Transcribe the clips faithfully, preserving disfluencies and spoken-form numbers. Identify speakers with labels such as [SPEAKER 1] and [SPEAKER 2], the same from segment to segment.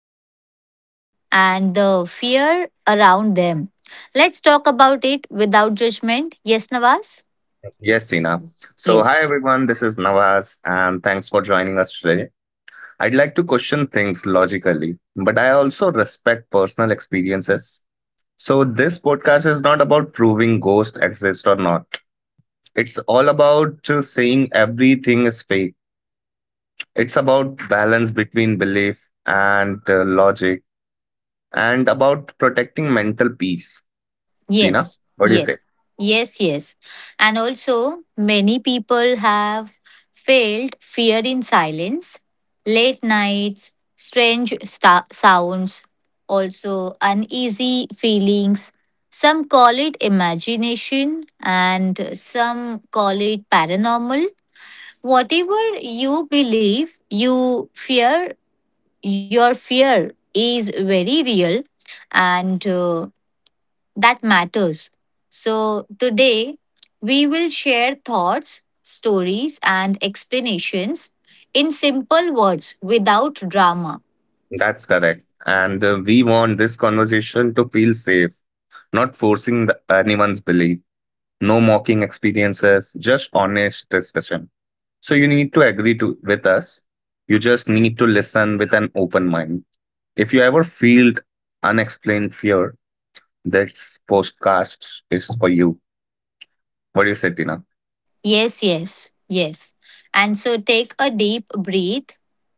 [SPEAKER 1] experiences, and the fear around them. Let's talk about it without judgment. Yes, Nawaz?
[SPEAKER 2] Yes, Tina. So, hi
[SPEAKER 1] Yes,
[SPEAKER 2] everyone, this is Nawaz, and thanks for joining us today. I'd like to question things logically, but I also respect personal experiences. So, this podcast is not about proving ghosts exist or not. It's all about just saying everything is fake. It's about balance between belief and uh, logic, and about protecting mental peace. Tina,
[SPEAKER 1] yes,
[SPEAKER 2] what do you say?
[SPEAKER 1] yes, yes, yes. And also, many people have felt fear in silence, late nights, strange sta- sounds, also uneasy feelings. Some call it imagination and some call it paranormal. Whatever you believe, you fear, your fear is very real, and uh, that matters. So, today we will share thoughts, stories, and explanations in simple words without drama.
[SPEAKER 2] That's correct. And uh, we want this conversation to feel safe, not forcing the, anyone's belief, no mocking experiences, just honest discussion. So you need to agree to with us. You just need to listen with an open mind. If you ever feel unexplained fear, this podcast is for you. What do you say, Tina?
[SPEAKER 1] Yes, yes, yes. And so take a deep breath,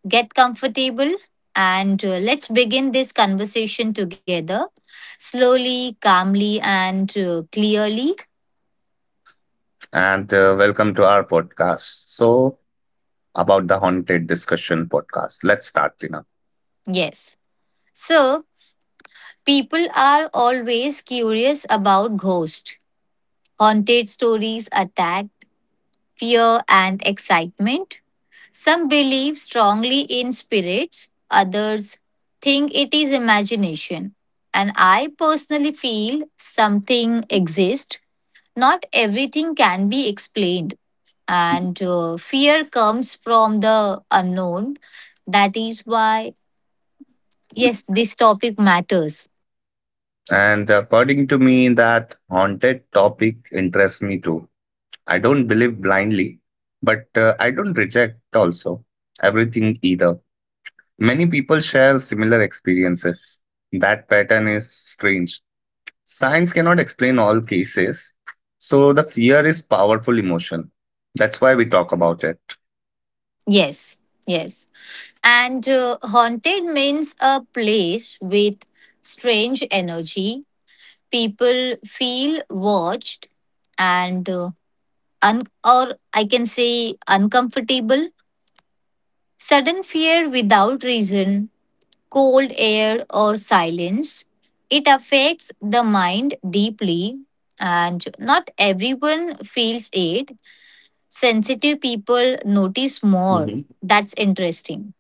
[SPEAKER 1] get comfortable, and uh, let's begin this conversation together slowly, calmly, and uh, clearly.
[SPEAKER 2] And uh, welcome to our podcast. So about the haunted discussion podcast. Let's start, Tina.
[SPEAKER 1] Yes. So, people are always curious about ghosts, haunted stories, attack, fear, and excitement. Some believe strongly in spirits, others think it is imagination. And I personally feel something exists. Not everything can be explained. And uh, fear comes from the unknown. That is why, yes, this topic matters.
[SPEAKER 2] And according to me, that haunted topic interests me too. I don't believe blindly, but uh, I don't reject also everything either. Many people share similar experiences. That pattern is strange. Science cannot explain all cases, so the fear is powerful emotion. That's why we talk about it.
[SPEAKER 1] Yes, yes. And uh, haunted means a place with strange energy, people feel watched and uh, un- or I can say uncomfortable, sudden fear without reason, cold air or silence. It affects the mind deeply, and not everyone feels it. Sensitive people notice more.
[SPEAKER 2] Mhm.
[SPEAKER 1] That's interesting.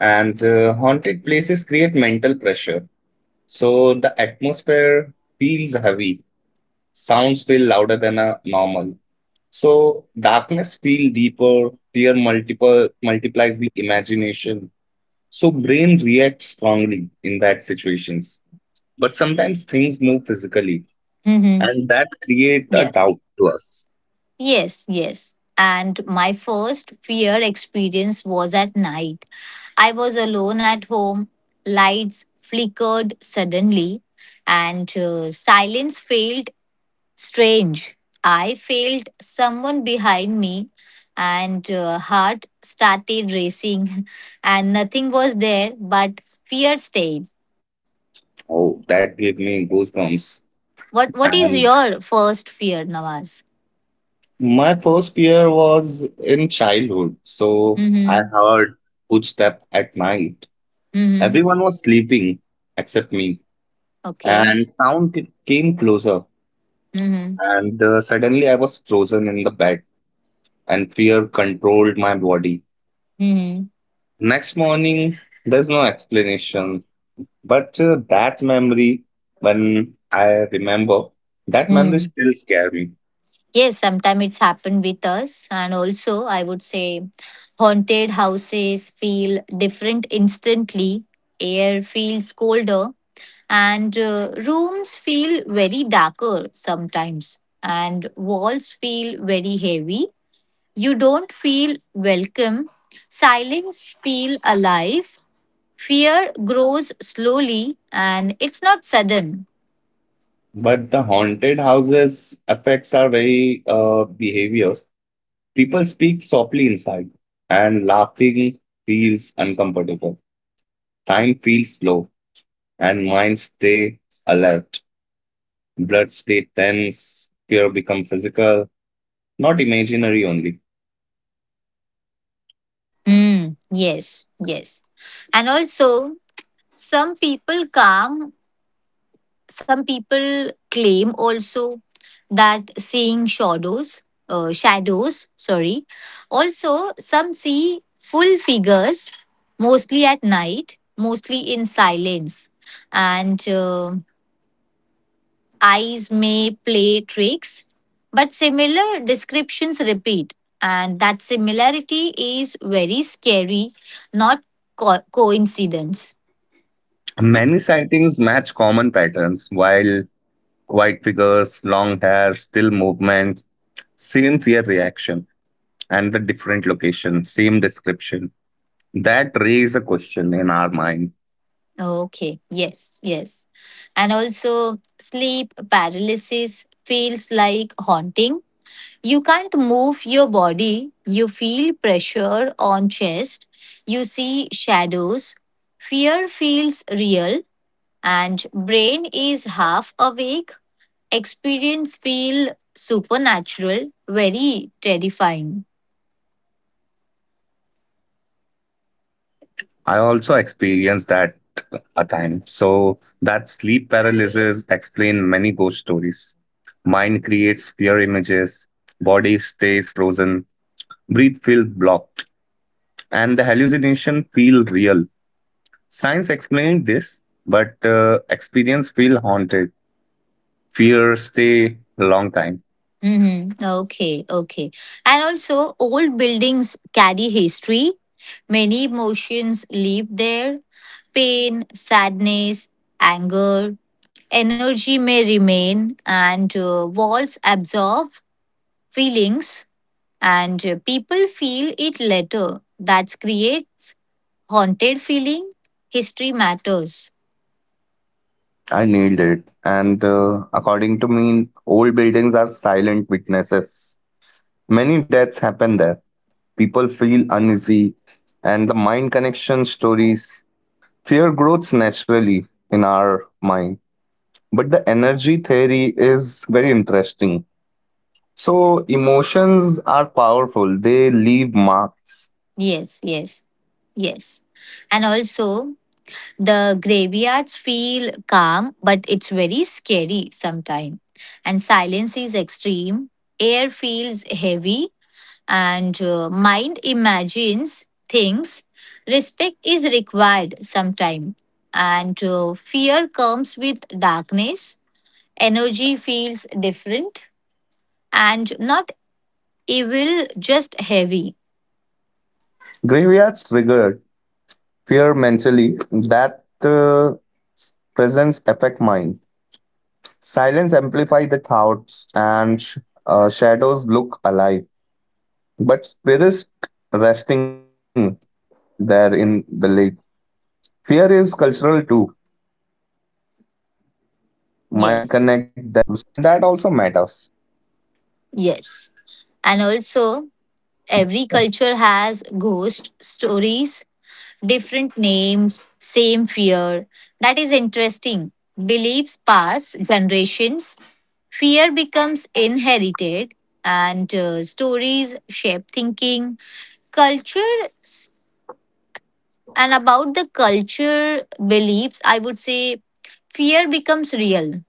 [SPEAKER 2] And uh, haunted places create mental pressure, so the atmosphere feels heavy. Sounds feel louder than a normal. So darkness feel deeper, fear multiple multiplies the imagination. So brain reacts strongly in that situations. But sometimes things move physically,
[SPEAKER 1] Mm-hmm.
[SPEAKER 2] and that create a
[SPEAKER 1] Yes,
[SPEAKER 2] doubt to us.
[SPEAKER 1] yes, yes. And my first fear experience was at night. I was alone at home. Lights flickered suddenly, and uh, silence felt strange. I felt someone behind me, and uh, heart started racing, and nothing was there, but fear stayed.
[SPEAKER 2] Oh, that gave me goosebumps.
[SPEAKER 1] What What is
[SPEAKER 2] And
[SPEAKER 1] your first fear, Nawaz?
[SPEAKER 2] my first fear was in childhood. So I
[SPEAKER 1] Mm-hmm.
[SPEAKER 2] heard footstep at night.
[SPEAKER 1] Mm-hmm.
[SPEAKER 2] Everyone was sleeping except me. And
[SPEAKER 1] Okay.
[SPEAKER 2] sound came closer.
[SPEAKER 1] Mm-hmm.
[SPEAKER 2] And uh, suddenly I was frozen in the bed and fear controlled my body.
[SPEAKER 1] Mm-hmm.
[SPEAKER 2] Next morning, there's no explanation, but uh, that memory, when I remember, that memory
[SPEAKER 1] Mm.
[SPEAKER 2] still scares me.
[SPEAKER 1] Yes, sometimes it's happened with us. And also, I would say haunted houses feel different instantly, air feels colder, and uh, rooms feel very darker sometimes, and walls feel very heavy. You don't feel welcome, silence feel alive, fear grows slowly, and it's not sudden.
[SPEAKER 2] But the haunted houses affects our very uh, behavior. People speak softly inside, and laughing feels uncomfortable. Time feels slow, and minds stay alert. Blood stay tense. Fear become physical, not imaginary only.
[SPEAKER 1] Hmm. Yes, yes. And also, some people calm, some people claim also that seeing shadows, uh, shadows, sorry. Also, some see full figures, mostly at night, mostly in silence. And uh, eyes may play tricks, but similar descriptions repeat. And that similarity is very scary, not co- coincidence.
[SPEAKER 2] Many sightings match common patterns, while white figures, long hair, still movement, same fear reaction, and the different location, same description. That raise a question in our mind.
[SPEAKER 1] Okay, yes, yes. And also, sleep paralysis feels like haunting. You can't move your body, you feel pressure on chest, you see shadows, fear feels real, and brain is half awake. Experience feel supernatural, very terrifying.
[SPEAKER 2] I also experienced that a time. So that sleep paralysis explain many ghost stories. Mind creates fear images, body stays frozen, breath feel blocked, and the hallucination feel real. Science explained this, but uh, experience feel haunted. Fear stay long time.
[SPEAKER 1] hmm Okay, okay. And also, old buildings carry history. Many emotions live there, pain, sadness, anger. Energy may remain, and uh, walls absorb feelings, and uh, people feel it later. That creates haunted feeling. History matters.
[SPEAKER 2] I nailed it. And uh, according to me, old buildings are silent witnesses. Many deaths happen there. People feel uneasy, and the mind connection stories. Fear grows naturally in our mind. But the energy theory is very interesting. So, emotions are powerful, they leave marks.
[SPEAKER 1] Yes, yes, yes. And also, the graveyards feel calm, but it's very scary sometimes. And silence is extreme. Air feels heavy, and uh, mind imagines things. Respect is required sometimes. And uh, fear comes with darkness. Energy feels different and not evil, just heavy.
[SPEAKER 2] Graveyards triggered fear mentally that uh, presence affect mind. Silence amplify the thoughts and sh- uh, shadows look alive, but spirits resting there in the lake. Fear is cultural too. Mind connect death with
[SPEAKER 1] Yes,
[SPEAKER 2] ghost, and that also matters.
[SPEAKER 1] yes. And also, every culture has ghost stories, different names, same fear. That is interesting. Beliefs pass generations, fear becomes inherited, and uh, stories shape thinking. Culture s- and about the culture beliefs, I would say fear becomes real.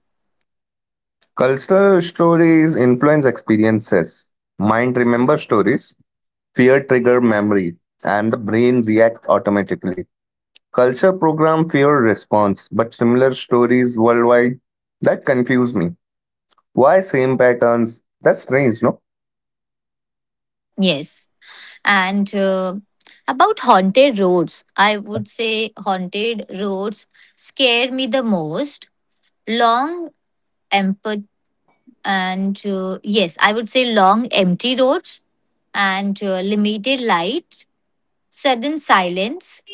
[SPEAKER 2] Cultural stories influence experiences. Mind remember stories. Fear trigger memory, and the brain react automatically. Culture program fear response, but similar stories worldwide. That confused me. Why same patterns? That's strange, no?
[SPEAKER 1] Yes. And uh, about haunted roads, I would say haunted roads scare me the most. Long, And uh, yes, I would say long empty roads and uh, limited light, sudden silence.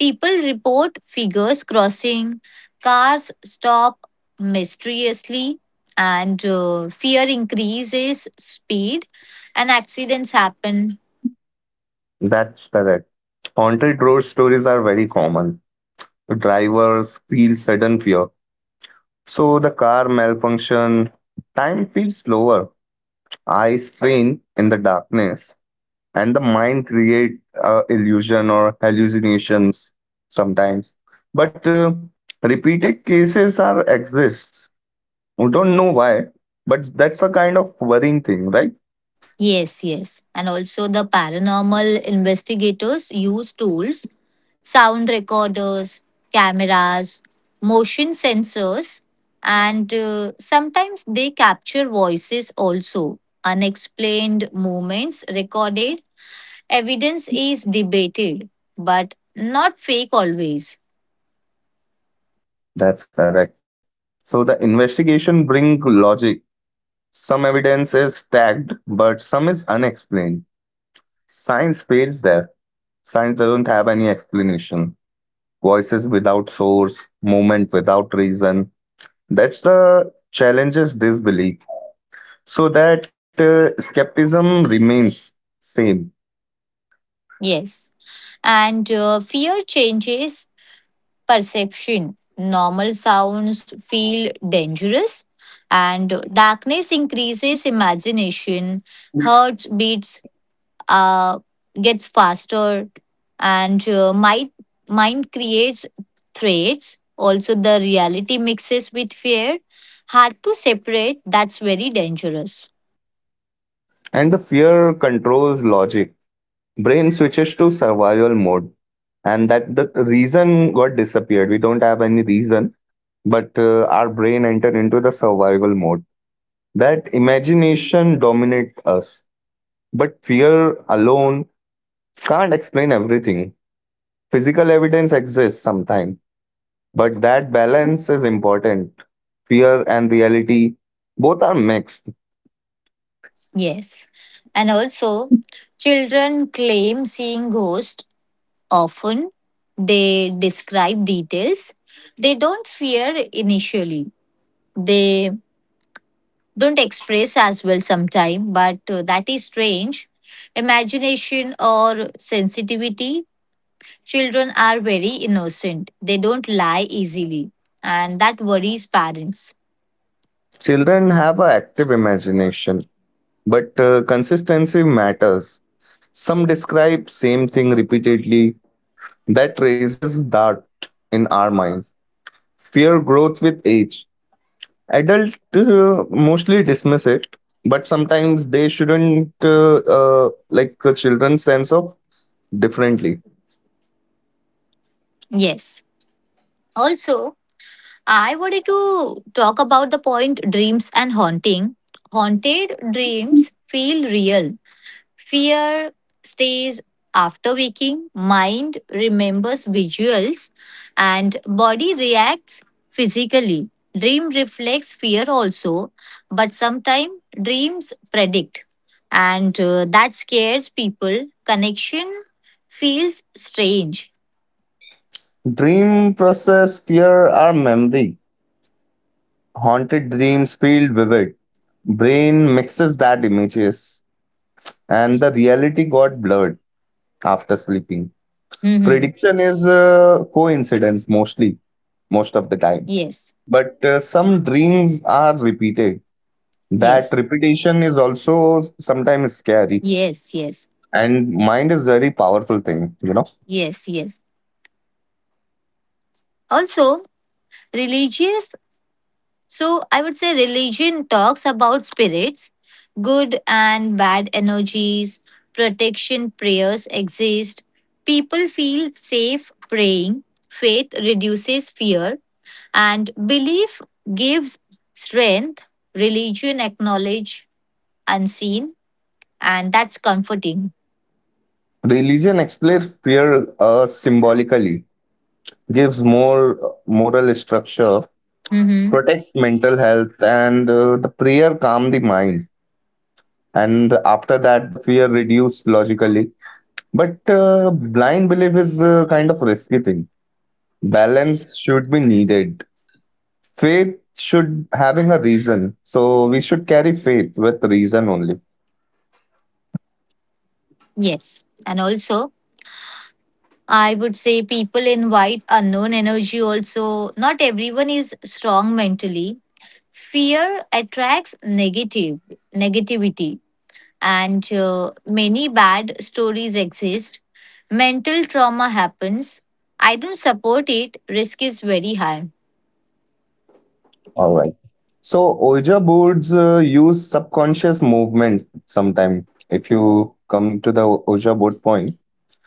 [SPEAKER 1] People report figures crossing, cars stop mysteriously, and uh, fear increases speed, and accidents happen.
[SPEAKER 2] That's correct. Haunted road stories are very common. Drivers feel sudden fear. So the car malfunction, time feels slower. Eyes strain in the darkness, and the mind create uh, illusion or hallucinations sometimes. But uh, repeated cases are exists. We don't know why, but that's a kind of worrying thing, right?
[SPEAKER 1] Yes, yes. And also, the paranormal investigators use tools, sound recorders, cameras, motion sensors, and uh, sometimes they capture voices also. Unexplained movements recorded. Evidence is debated, but not fake always.
[SPEAKER 2] That's correct. So the investigation bring logic. Some evidence is tagged, but some is unexplained. Science fails there. Science doesn't have any explanation. Voices without source, movement without reason. That's the challenges disbelief. So that uh, skepticism remains same,
[SPEAKER 1] Yes. And uh, fear changes perception. Normal sounds feel dangerous, and darkness increases imagination. Heart beats uh, gets faster, and uh, mind mind creates threats. Also, the reality mixes with fear. Hard to separate. That's very dangerous.
[SPEAKER 2] and the fear controls logic. Brain switches to survival mode, and that the reason got disappeared, we don't have any reason, but uh, our brain entered into the survival mode, that imagination dominate us, but fear alone can't explain everything. Physical evidence exists sometimes, but that balance is important. Fear and reality both are mixed.
[SPEAKER 1] Yes, and also children claim seeing ghosts. Often, they describe details, they don't fear initially. They don't express as well sometime, but uh, that is strange. Imagination or sensitivity. Children are very innocent. They don't lie easily, and that worries parents.
[SPEAKER 2] Children have an active imagination. But uh, consistency matters. Some describe same thing repeatedly. That raises doubt in our mind. Fear growth with age. Adult uh, mostly dismiss it, but sometimes they shouldn't uh, uh, like uh, children's sense of differently.
[SPEAKER 1] Yes. Also, I wanted to talk about the point dreams and haunting. Haunted dreams feel real. Fear stays after waking, mind remembers visuals, and body reacts physically. Dream reflects fear also, but sometimes dreams predict, and uh, that scares people. Connection feels strange.
[SPEAKER 2] Dream process fear are memory. Haunted dreams feel vivid. Brain mixes that images and the reality got blurred after sleeping.
[SPEAKER 1] hmm
[SPEAKER 2] Prediction is uh, coincidence mostly, most of the time.
[SPEAKER 1] Yes,
[SPEAKER 2] But uh, some dreams are repeated. That
[SPEAKER 1] yes,
[SPEAKER 2] repetition is also sometimes scary.
[SPEAKER 1] yes, yes,
[SPEAKER 2] And mind is very powerful thing, you know.
[SPEAKER 1] yes, yes. Also, religious, so I would say religion talks about spirits, good and bad energies, protection prayers exist. People feel safe praying, faith reduces fear, and belief gives strength. Religion acknowledge unseen, and that's comforting.
[SPEAKER 2] Religion explains fear uh, symbolically, gives more uh, moral structure,
[SPEAKER 1] Mhm.
[SPEAKER 2] protects mental health, and uh, the prayer calm the mind. And after that, the fear reduced logically. But uh, blind belief is uh, kind of risky thing. Balance should be needed. Faith should having a reason. So we should carry faith with reason only.
[SPEAKER 1] Yes, and also I would say people invite unknown energy. Also, not everyone is strong mentally. Fear attracts negative negativity, and uh, many bad stories exist. Mental trauma happens. I don't support it. Risk is very high.
[SPEAKER 2] All right. So Ouija boards uh, use subconscious movements sometime. If you come to the Ouija board point,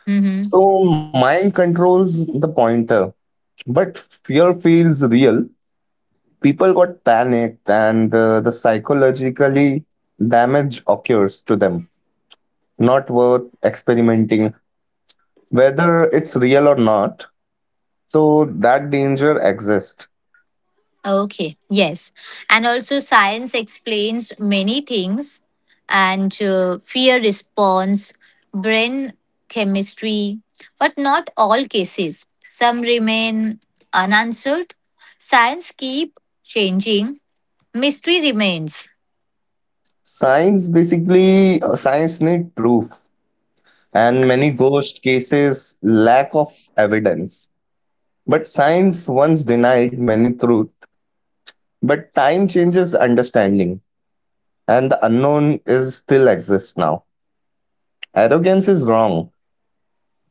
[SPEAKER 1] Mm-hmm.
[SPEAKER 2] so mind controls the pointer, but fear feels real. People got panicked, and uh, the psychologically damage occurs to them. Not worth experimenting whether it's real or not, so that danger exists.
[SPEAKER 1] Okay. Yes, and also science explains many things, and uh, fear response, brain chemistry, but not all cases. Some remain unanswered. Science keep changing. Mystery remains.
[SPEAKER 2] Science basically uh, science need proof and many ghost cases lack of evidence, but science once denied many truth, but time changes understanding, and the unknown is still exists now. Arrogance is wrong,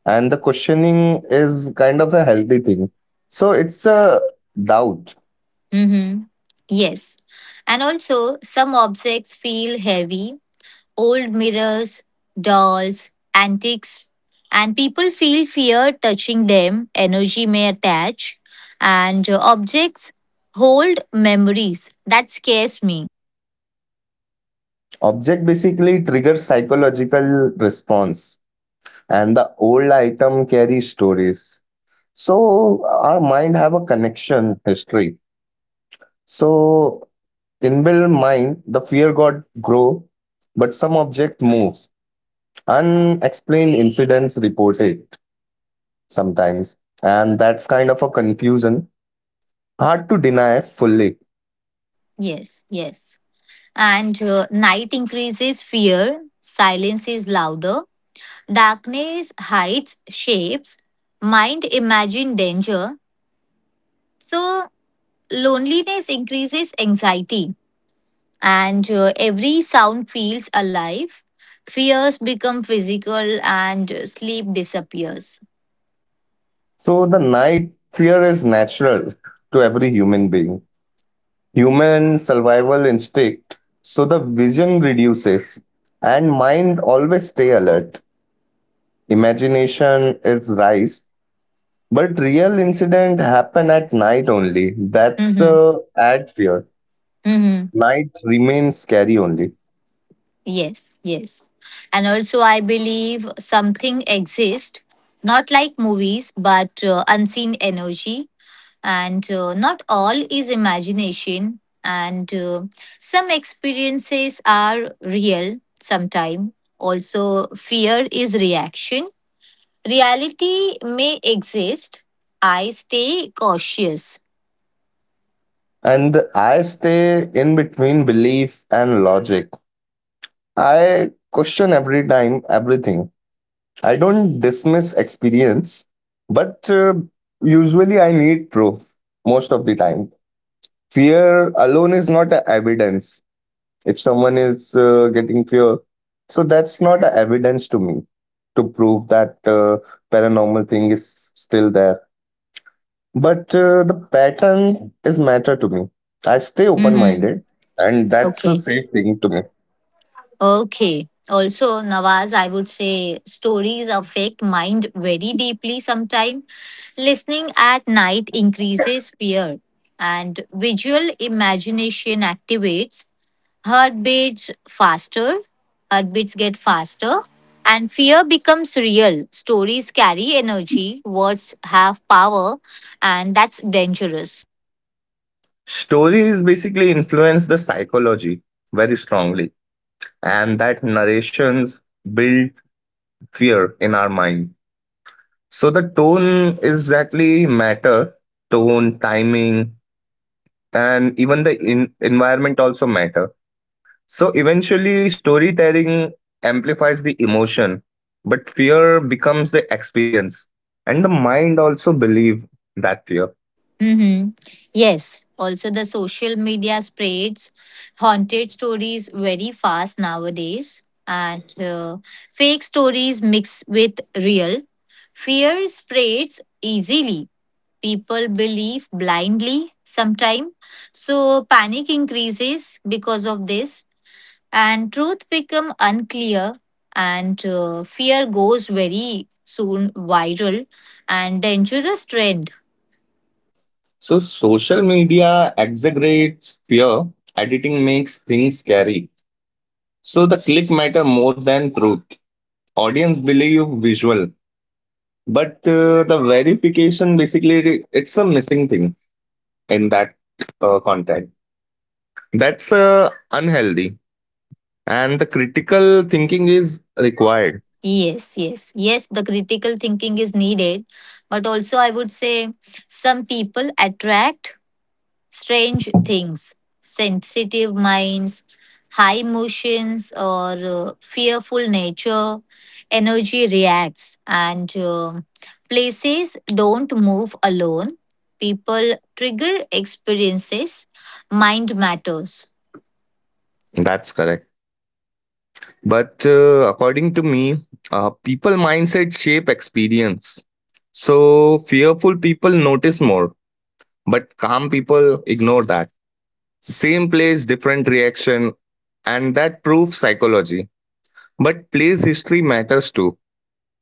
[SPEAKER 2] and the questioning is kind of a healthy thing. So it's a doubt.
[SPEAKER 1] hmm Yes. And also, some objects feel heavy, old mirrors, dolls, antiques, and people feel fear touching them. Energy may attach, and uh, objects hold memories. That scares me.
[SPEAKER 2] Object basically triggers psychological response, and the old item carry stories, so our mind have a connection history. So inbuilt mind the fear got grow, but some object moves, unexplained incidents reported sometimes, and that's kind of a confusion, hard to deny fully.
[SPEAKER 1] Yes, yes. And uh, night increases fear, silence is louder, darkness hides shapes, mind imagine danger. So loneliness increases anxiety, and uh, every sound feels alive. Fears become physical, and uh, sleep disappears.
[SPEAKER 2] So the night fear is natural to every human being, human survival instinct. So the vision reduces and mind always stay alert, imagination is rise, but real incident happen at night only. That's
[SPEAKER 1] Mm-hmm.
[SPEAKER 2] uh, add fear.
[SPEAKER 1] Mm-hmm.
[SPEAKER 2] Night remains scary only.
[SPEAKER 1] Yes, yes. And also, I believe something exists, not like movies, but uh, unseen energy. And uh, not all is imagination, and uh, some experiences are real sometime. Also, fear is reaction. Reality may exist. I stay cautious.
[SPEAKER 2] And I stay in between belief and logic. I question every time everything. I don't dismiss experience, but uh, usually I need proof most of the time. Fear alone is not a evidence. If someone is uh, getting fear, so that's not a evidence to me to prove that uh, paranormal thing is still there. But uh, the pattern is matter to me. I stay open
[SPEAKER 1] Mm-hmm.
[SPEAKER 2] minded, and that's a
[SPEAKER 1] Okay.
[SPEAKER 2] safe thing to me.
[SPEAKER 1] Okay. Also, Nawaz, I would say stories affect mind very deeply sometimes. Listening at night increases fear, and visual imagination activates, heartbeats faster. Heartbeats get faster, and fear becomes real. Stories carry energy, words have power, and that's dangerous.
[SPEAKER 2] Stories basically influence the psychology very strongly, and that narrations build fear in our mind. So the tone exactly matter, tone, timing, and even the in- environment also matter. So eventually, storytelling amplifies the emotion, but fear becomes the experience, and the mind also believe that fear.
[SPEAKER 1] Mm-hmm. Yes. Also, the social media spreads haunted stories very fast nowadays, and uh, fake stories mix with real. Fear spreads easily. People believe blindly sometimes. So panic increases because of this, and truth become unclear, and uh, fear goes very soon viral and dangerous trend.
[SPEAKER 2] So social media exaggerates fear. Editing makes things scary. So the click matter more than truth. Audience believe visual, but uh, the verification basically it- it's a missing thing in that uh, content. That's uh, unhealthy, and the critical thinking is required.
[SPEAKER 1] Yes, yes, yes, the critical thinking is needed. But also, I would say some people attract strange things, sensitive minds, high emotions, or uh, fearful nature. Energy reacts, and uh, places don't move alone. People trigger experiences, mind matters.
[SPEAKER 2] That's correct. But uh, according to me, uh, people mindset shape experience. So fearful people notice more, but calm people ignore that. Same place, different reaction, and that proves psychology. But place history matters too,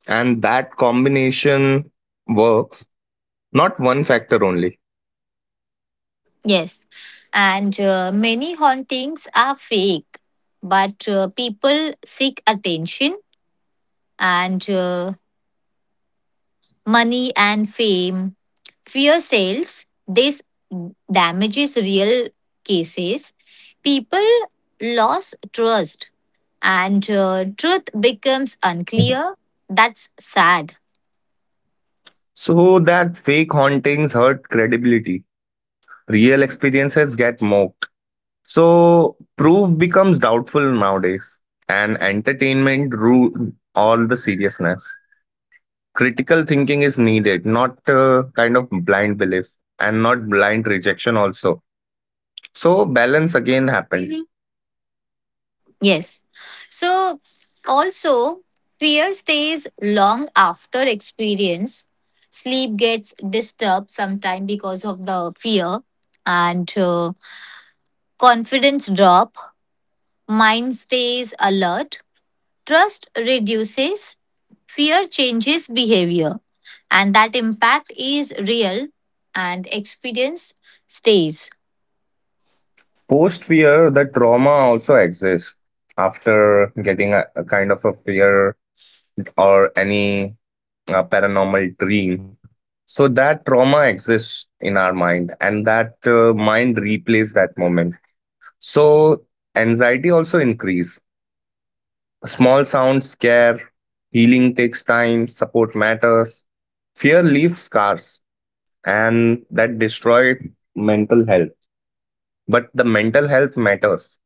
[SPEAKER 2] and that combination works, not one factor only.
[SPEAKER 1] Yes, and uh, many hauntings are fake, but uh, people seek attention and uh, money and fame. Fear sells, this damages real cases. People lose trust, and uh, truth becomes unclear. That's sad.
[SPEAKER 2] So that fake hauntings hurt credibility. Real experiences get mocked. So proof becomes doubtful nowadays, and entertainment rules all the seriousness. Critical thinking is needed, not uh, kind of blind belief and not blind rejection also. So balance again happened.
[SPEAKER 1] Yes. So also fear stays long after experience. Sleep gets disturbed sometime because of the fear and uh, confidence drop. Mind stays alert. Trust reduces. Fear changes behavior. And that impact is real and experience stays.
[SPEAKER 2] Post fear, the trauma also exists after getting a, a kind of a fear or any uh, paranormal dream. So that trauma exists in our mind, and that uh, mind replays that moment. So anxiety also increase. Small sounds scare. Healing takes time. Support matters. Fear leaves scars, and that destroys mental health. But the mental health matters.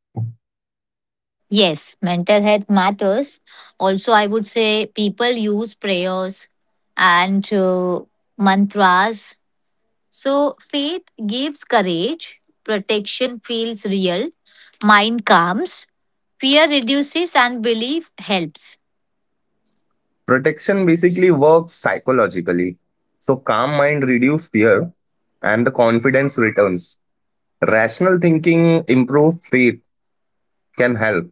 [SPEAKER 1] Yes, mental health matters. Also, I would say people use prayers and uh, mantras. So, faith gives courage, protection feels real, mind calms, fear reduces, and belief helps.
[SPEAKER 2] Protection basically works psychologically. So calm mind reduce fear, and the confidence returns. Rational thinking, improved faith can help,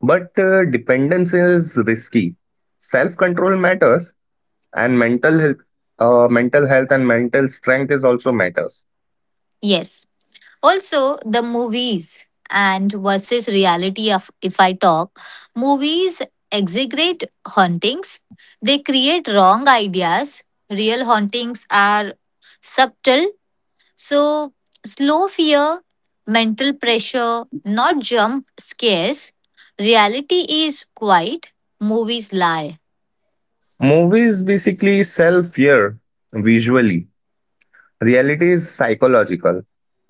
[SPEAKER 2] but uh, dependence is risky. Self-control matters, and mental health, uh, mental health and mental strength is also matters.
[SPEAKER 1] Yes. Also, the movies and versus reality of if I talk, movies exaggerate hauntings. They create wrong ideas. Real hauntings are subtle. So slow fear, mental pressure, not jump scares. Reality is quiet. Movies lie.
[SPEAKER 2] Movies basically sell fear visually. Reality is psychological,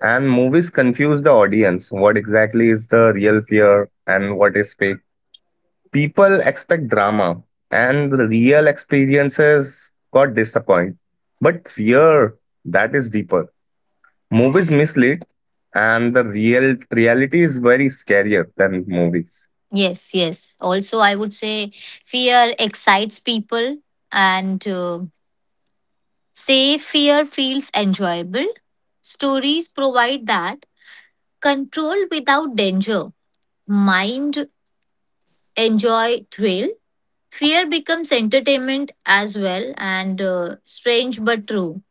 [SPEAKER 2] and movies confuse the audience. What exactly is the real fear and what is fake? People expect drama, and the real experiences got disappointed. But fear that is deeper. Movies mislead, and the real reality is very scarier than movies.
[SPEAKER 1] Yes, yes. Also, I would say fear excites people and uh, say fear feels enjoyable. Stories provide that control without danger. Mind enjoy thrill. Fear becomes entertainment as well and uh, strange but true.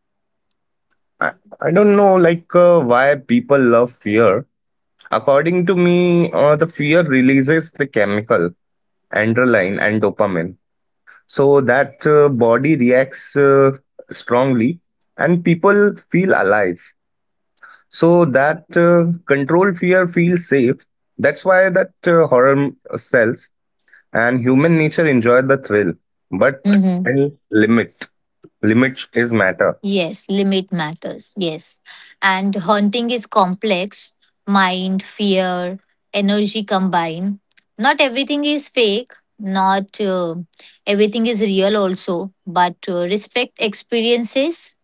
[SPEAKER 2] I, I don't know, like uh, why people love fear. According to me, uh, the fear releases the chemical adrenaline and dopamine, so that uh, body reacts uh, strongly, and people feel alive. So that uh, control fear feels safe. That's why that uh, horror sells, and human nature enjoy the thrill. But in limit, limit is matter.
[SPEAKER 1] Yes, limit matters. Yes. And haunting is complex. Mind, fear, energy combine. Not everything is fake. Not uh, everything is real, also. But uh, respect experiences.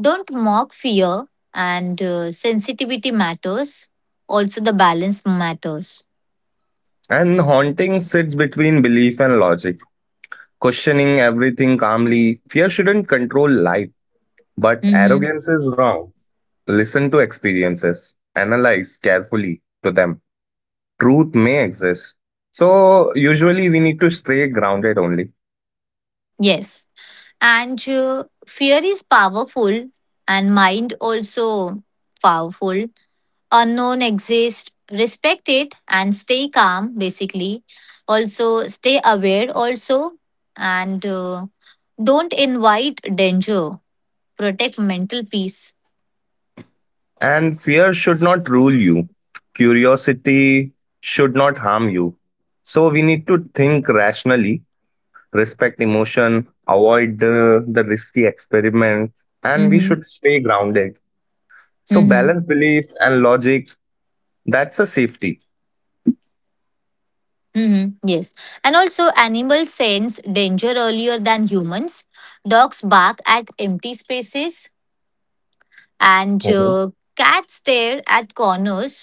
[SPEAKER 1] Don't mock fear. And uh, sensitivity matters. Also, the balance matters.
[SPEAKER 2] And haunting sits between belief and logic, questioning everything calmly. Fear shouldn't control life, but
[SPEAKER 1] Mm-hmm.
[SPEAKER 2] arrogance is wrong. Listen to experiences, analyze carefully to them. Truth may exist. So usually we need to stay grounded only.
[SPEAKER 1] Yes. And uh, fear is powerful, and mind also powerful, unknown exists, respect it and stay calm, basically. Also, stay aware, also, and uh, don't invite danger. Protect mental peace.
[SPEAKER 2] And fear should not rule you. Curiosity should not harm you. So we need to think rationally, respect emotion, avoid uh, the risky experiments, and we
[SPEAKER 1] Mm-hmm.
[SPEAKER 2] should stay grounded. So
[SPEAKER 1] Mm-hmm.
[SPEAKER 2] balance belief and logic, that's a safety.
[SPEAKER 1] Mm-hmm. Yes. And also, animals sense danger earlier than humans. Dogs bark at empty spaces, and
[SPEAKER 2] Mhm.
[SPEAKER 1] uh, cats stare at corners,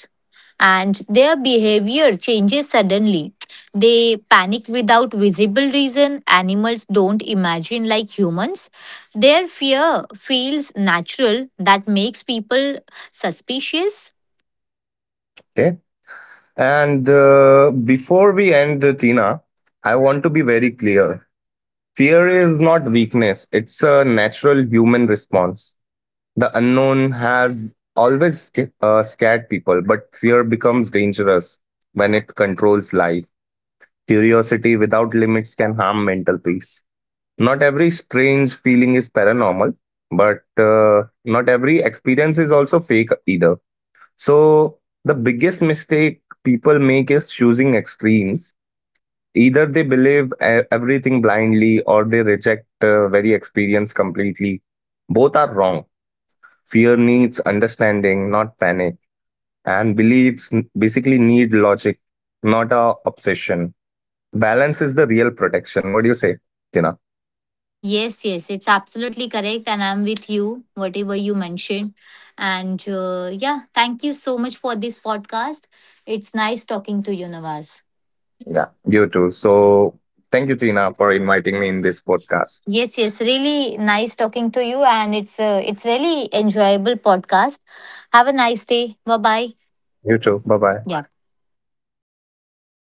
[SPEAKER 1] and their behavior changes suddenly. They panic without visible reason. Animals don't imagine like humans. Their fear feels natural, that makes people suspicious.
[SPEAKER 2] Okay. And uh, before we end, uh, Tina, I want to be very clear. Fear is not weakness, it's a natural human response. The unknown has always sca- uh, scared people, but fear becomes dangerous when it controls life. Curiosity without limits can harm mental peace. Not every strange feeling is paranormal, but uh, not every experience is also fake either. So, the biggest mistake people make is choosing extremes. Either they believe e- everything blindly or they reject uh, very experience completely. Both are wrong. Fear needs understanding, not panic, and beliefs n- basically need logic, not a obsession. Balance is the real protection. What do you say, Tina?
[SPEAKER 1] Yes, yes, it's absolutely correct, and I'm with you, whatever you mentioned. And uh, yeah, thank you so much for this podcast. It's nice talking to you, Nawaz.
[SPEAKER 2] Yeah. You too. So thank you, Tina, for inviting me in this podcast.
[SPEAKER 1] Yes, yes, really nice talking to you, and it's a, it's really enjoyable podcast. Have a nice day. Bye bye.
[SPEAKER 2] You too. Bye bye.
[SPEAKER 1] Yeah.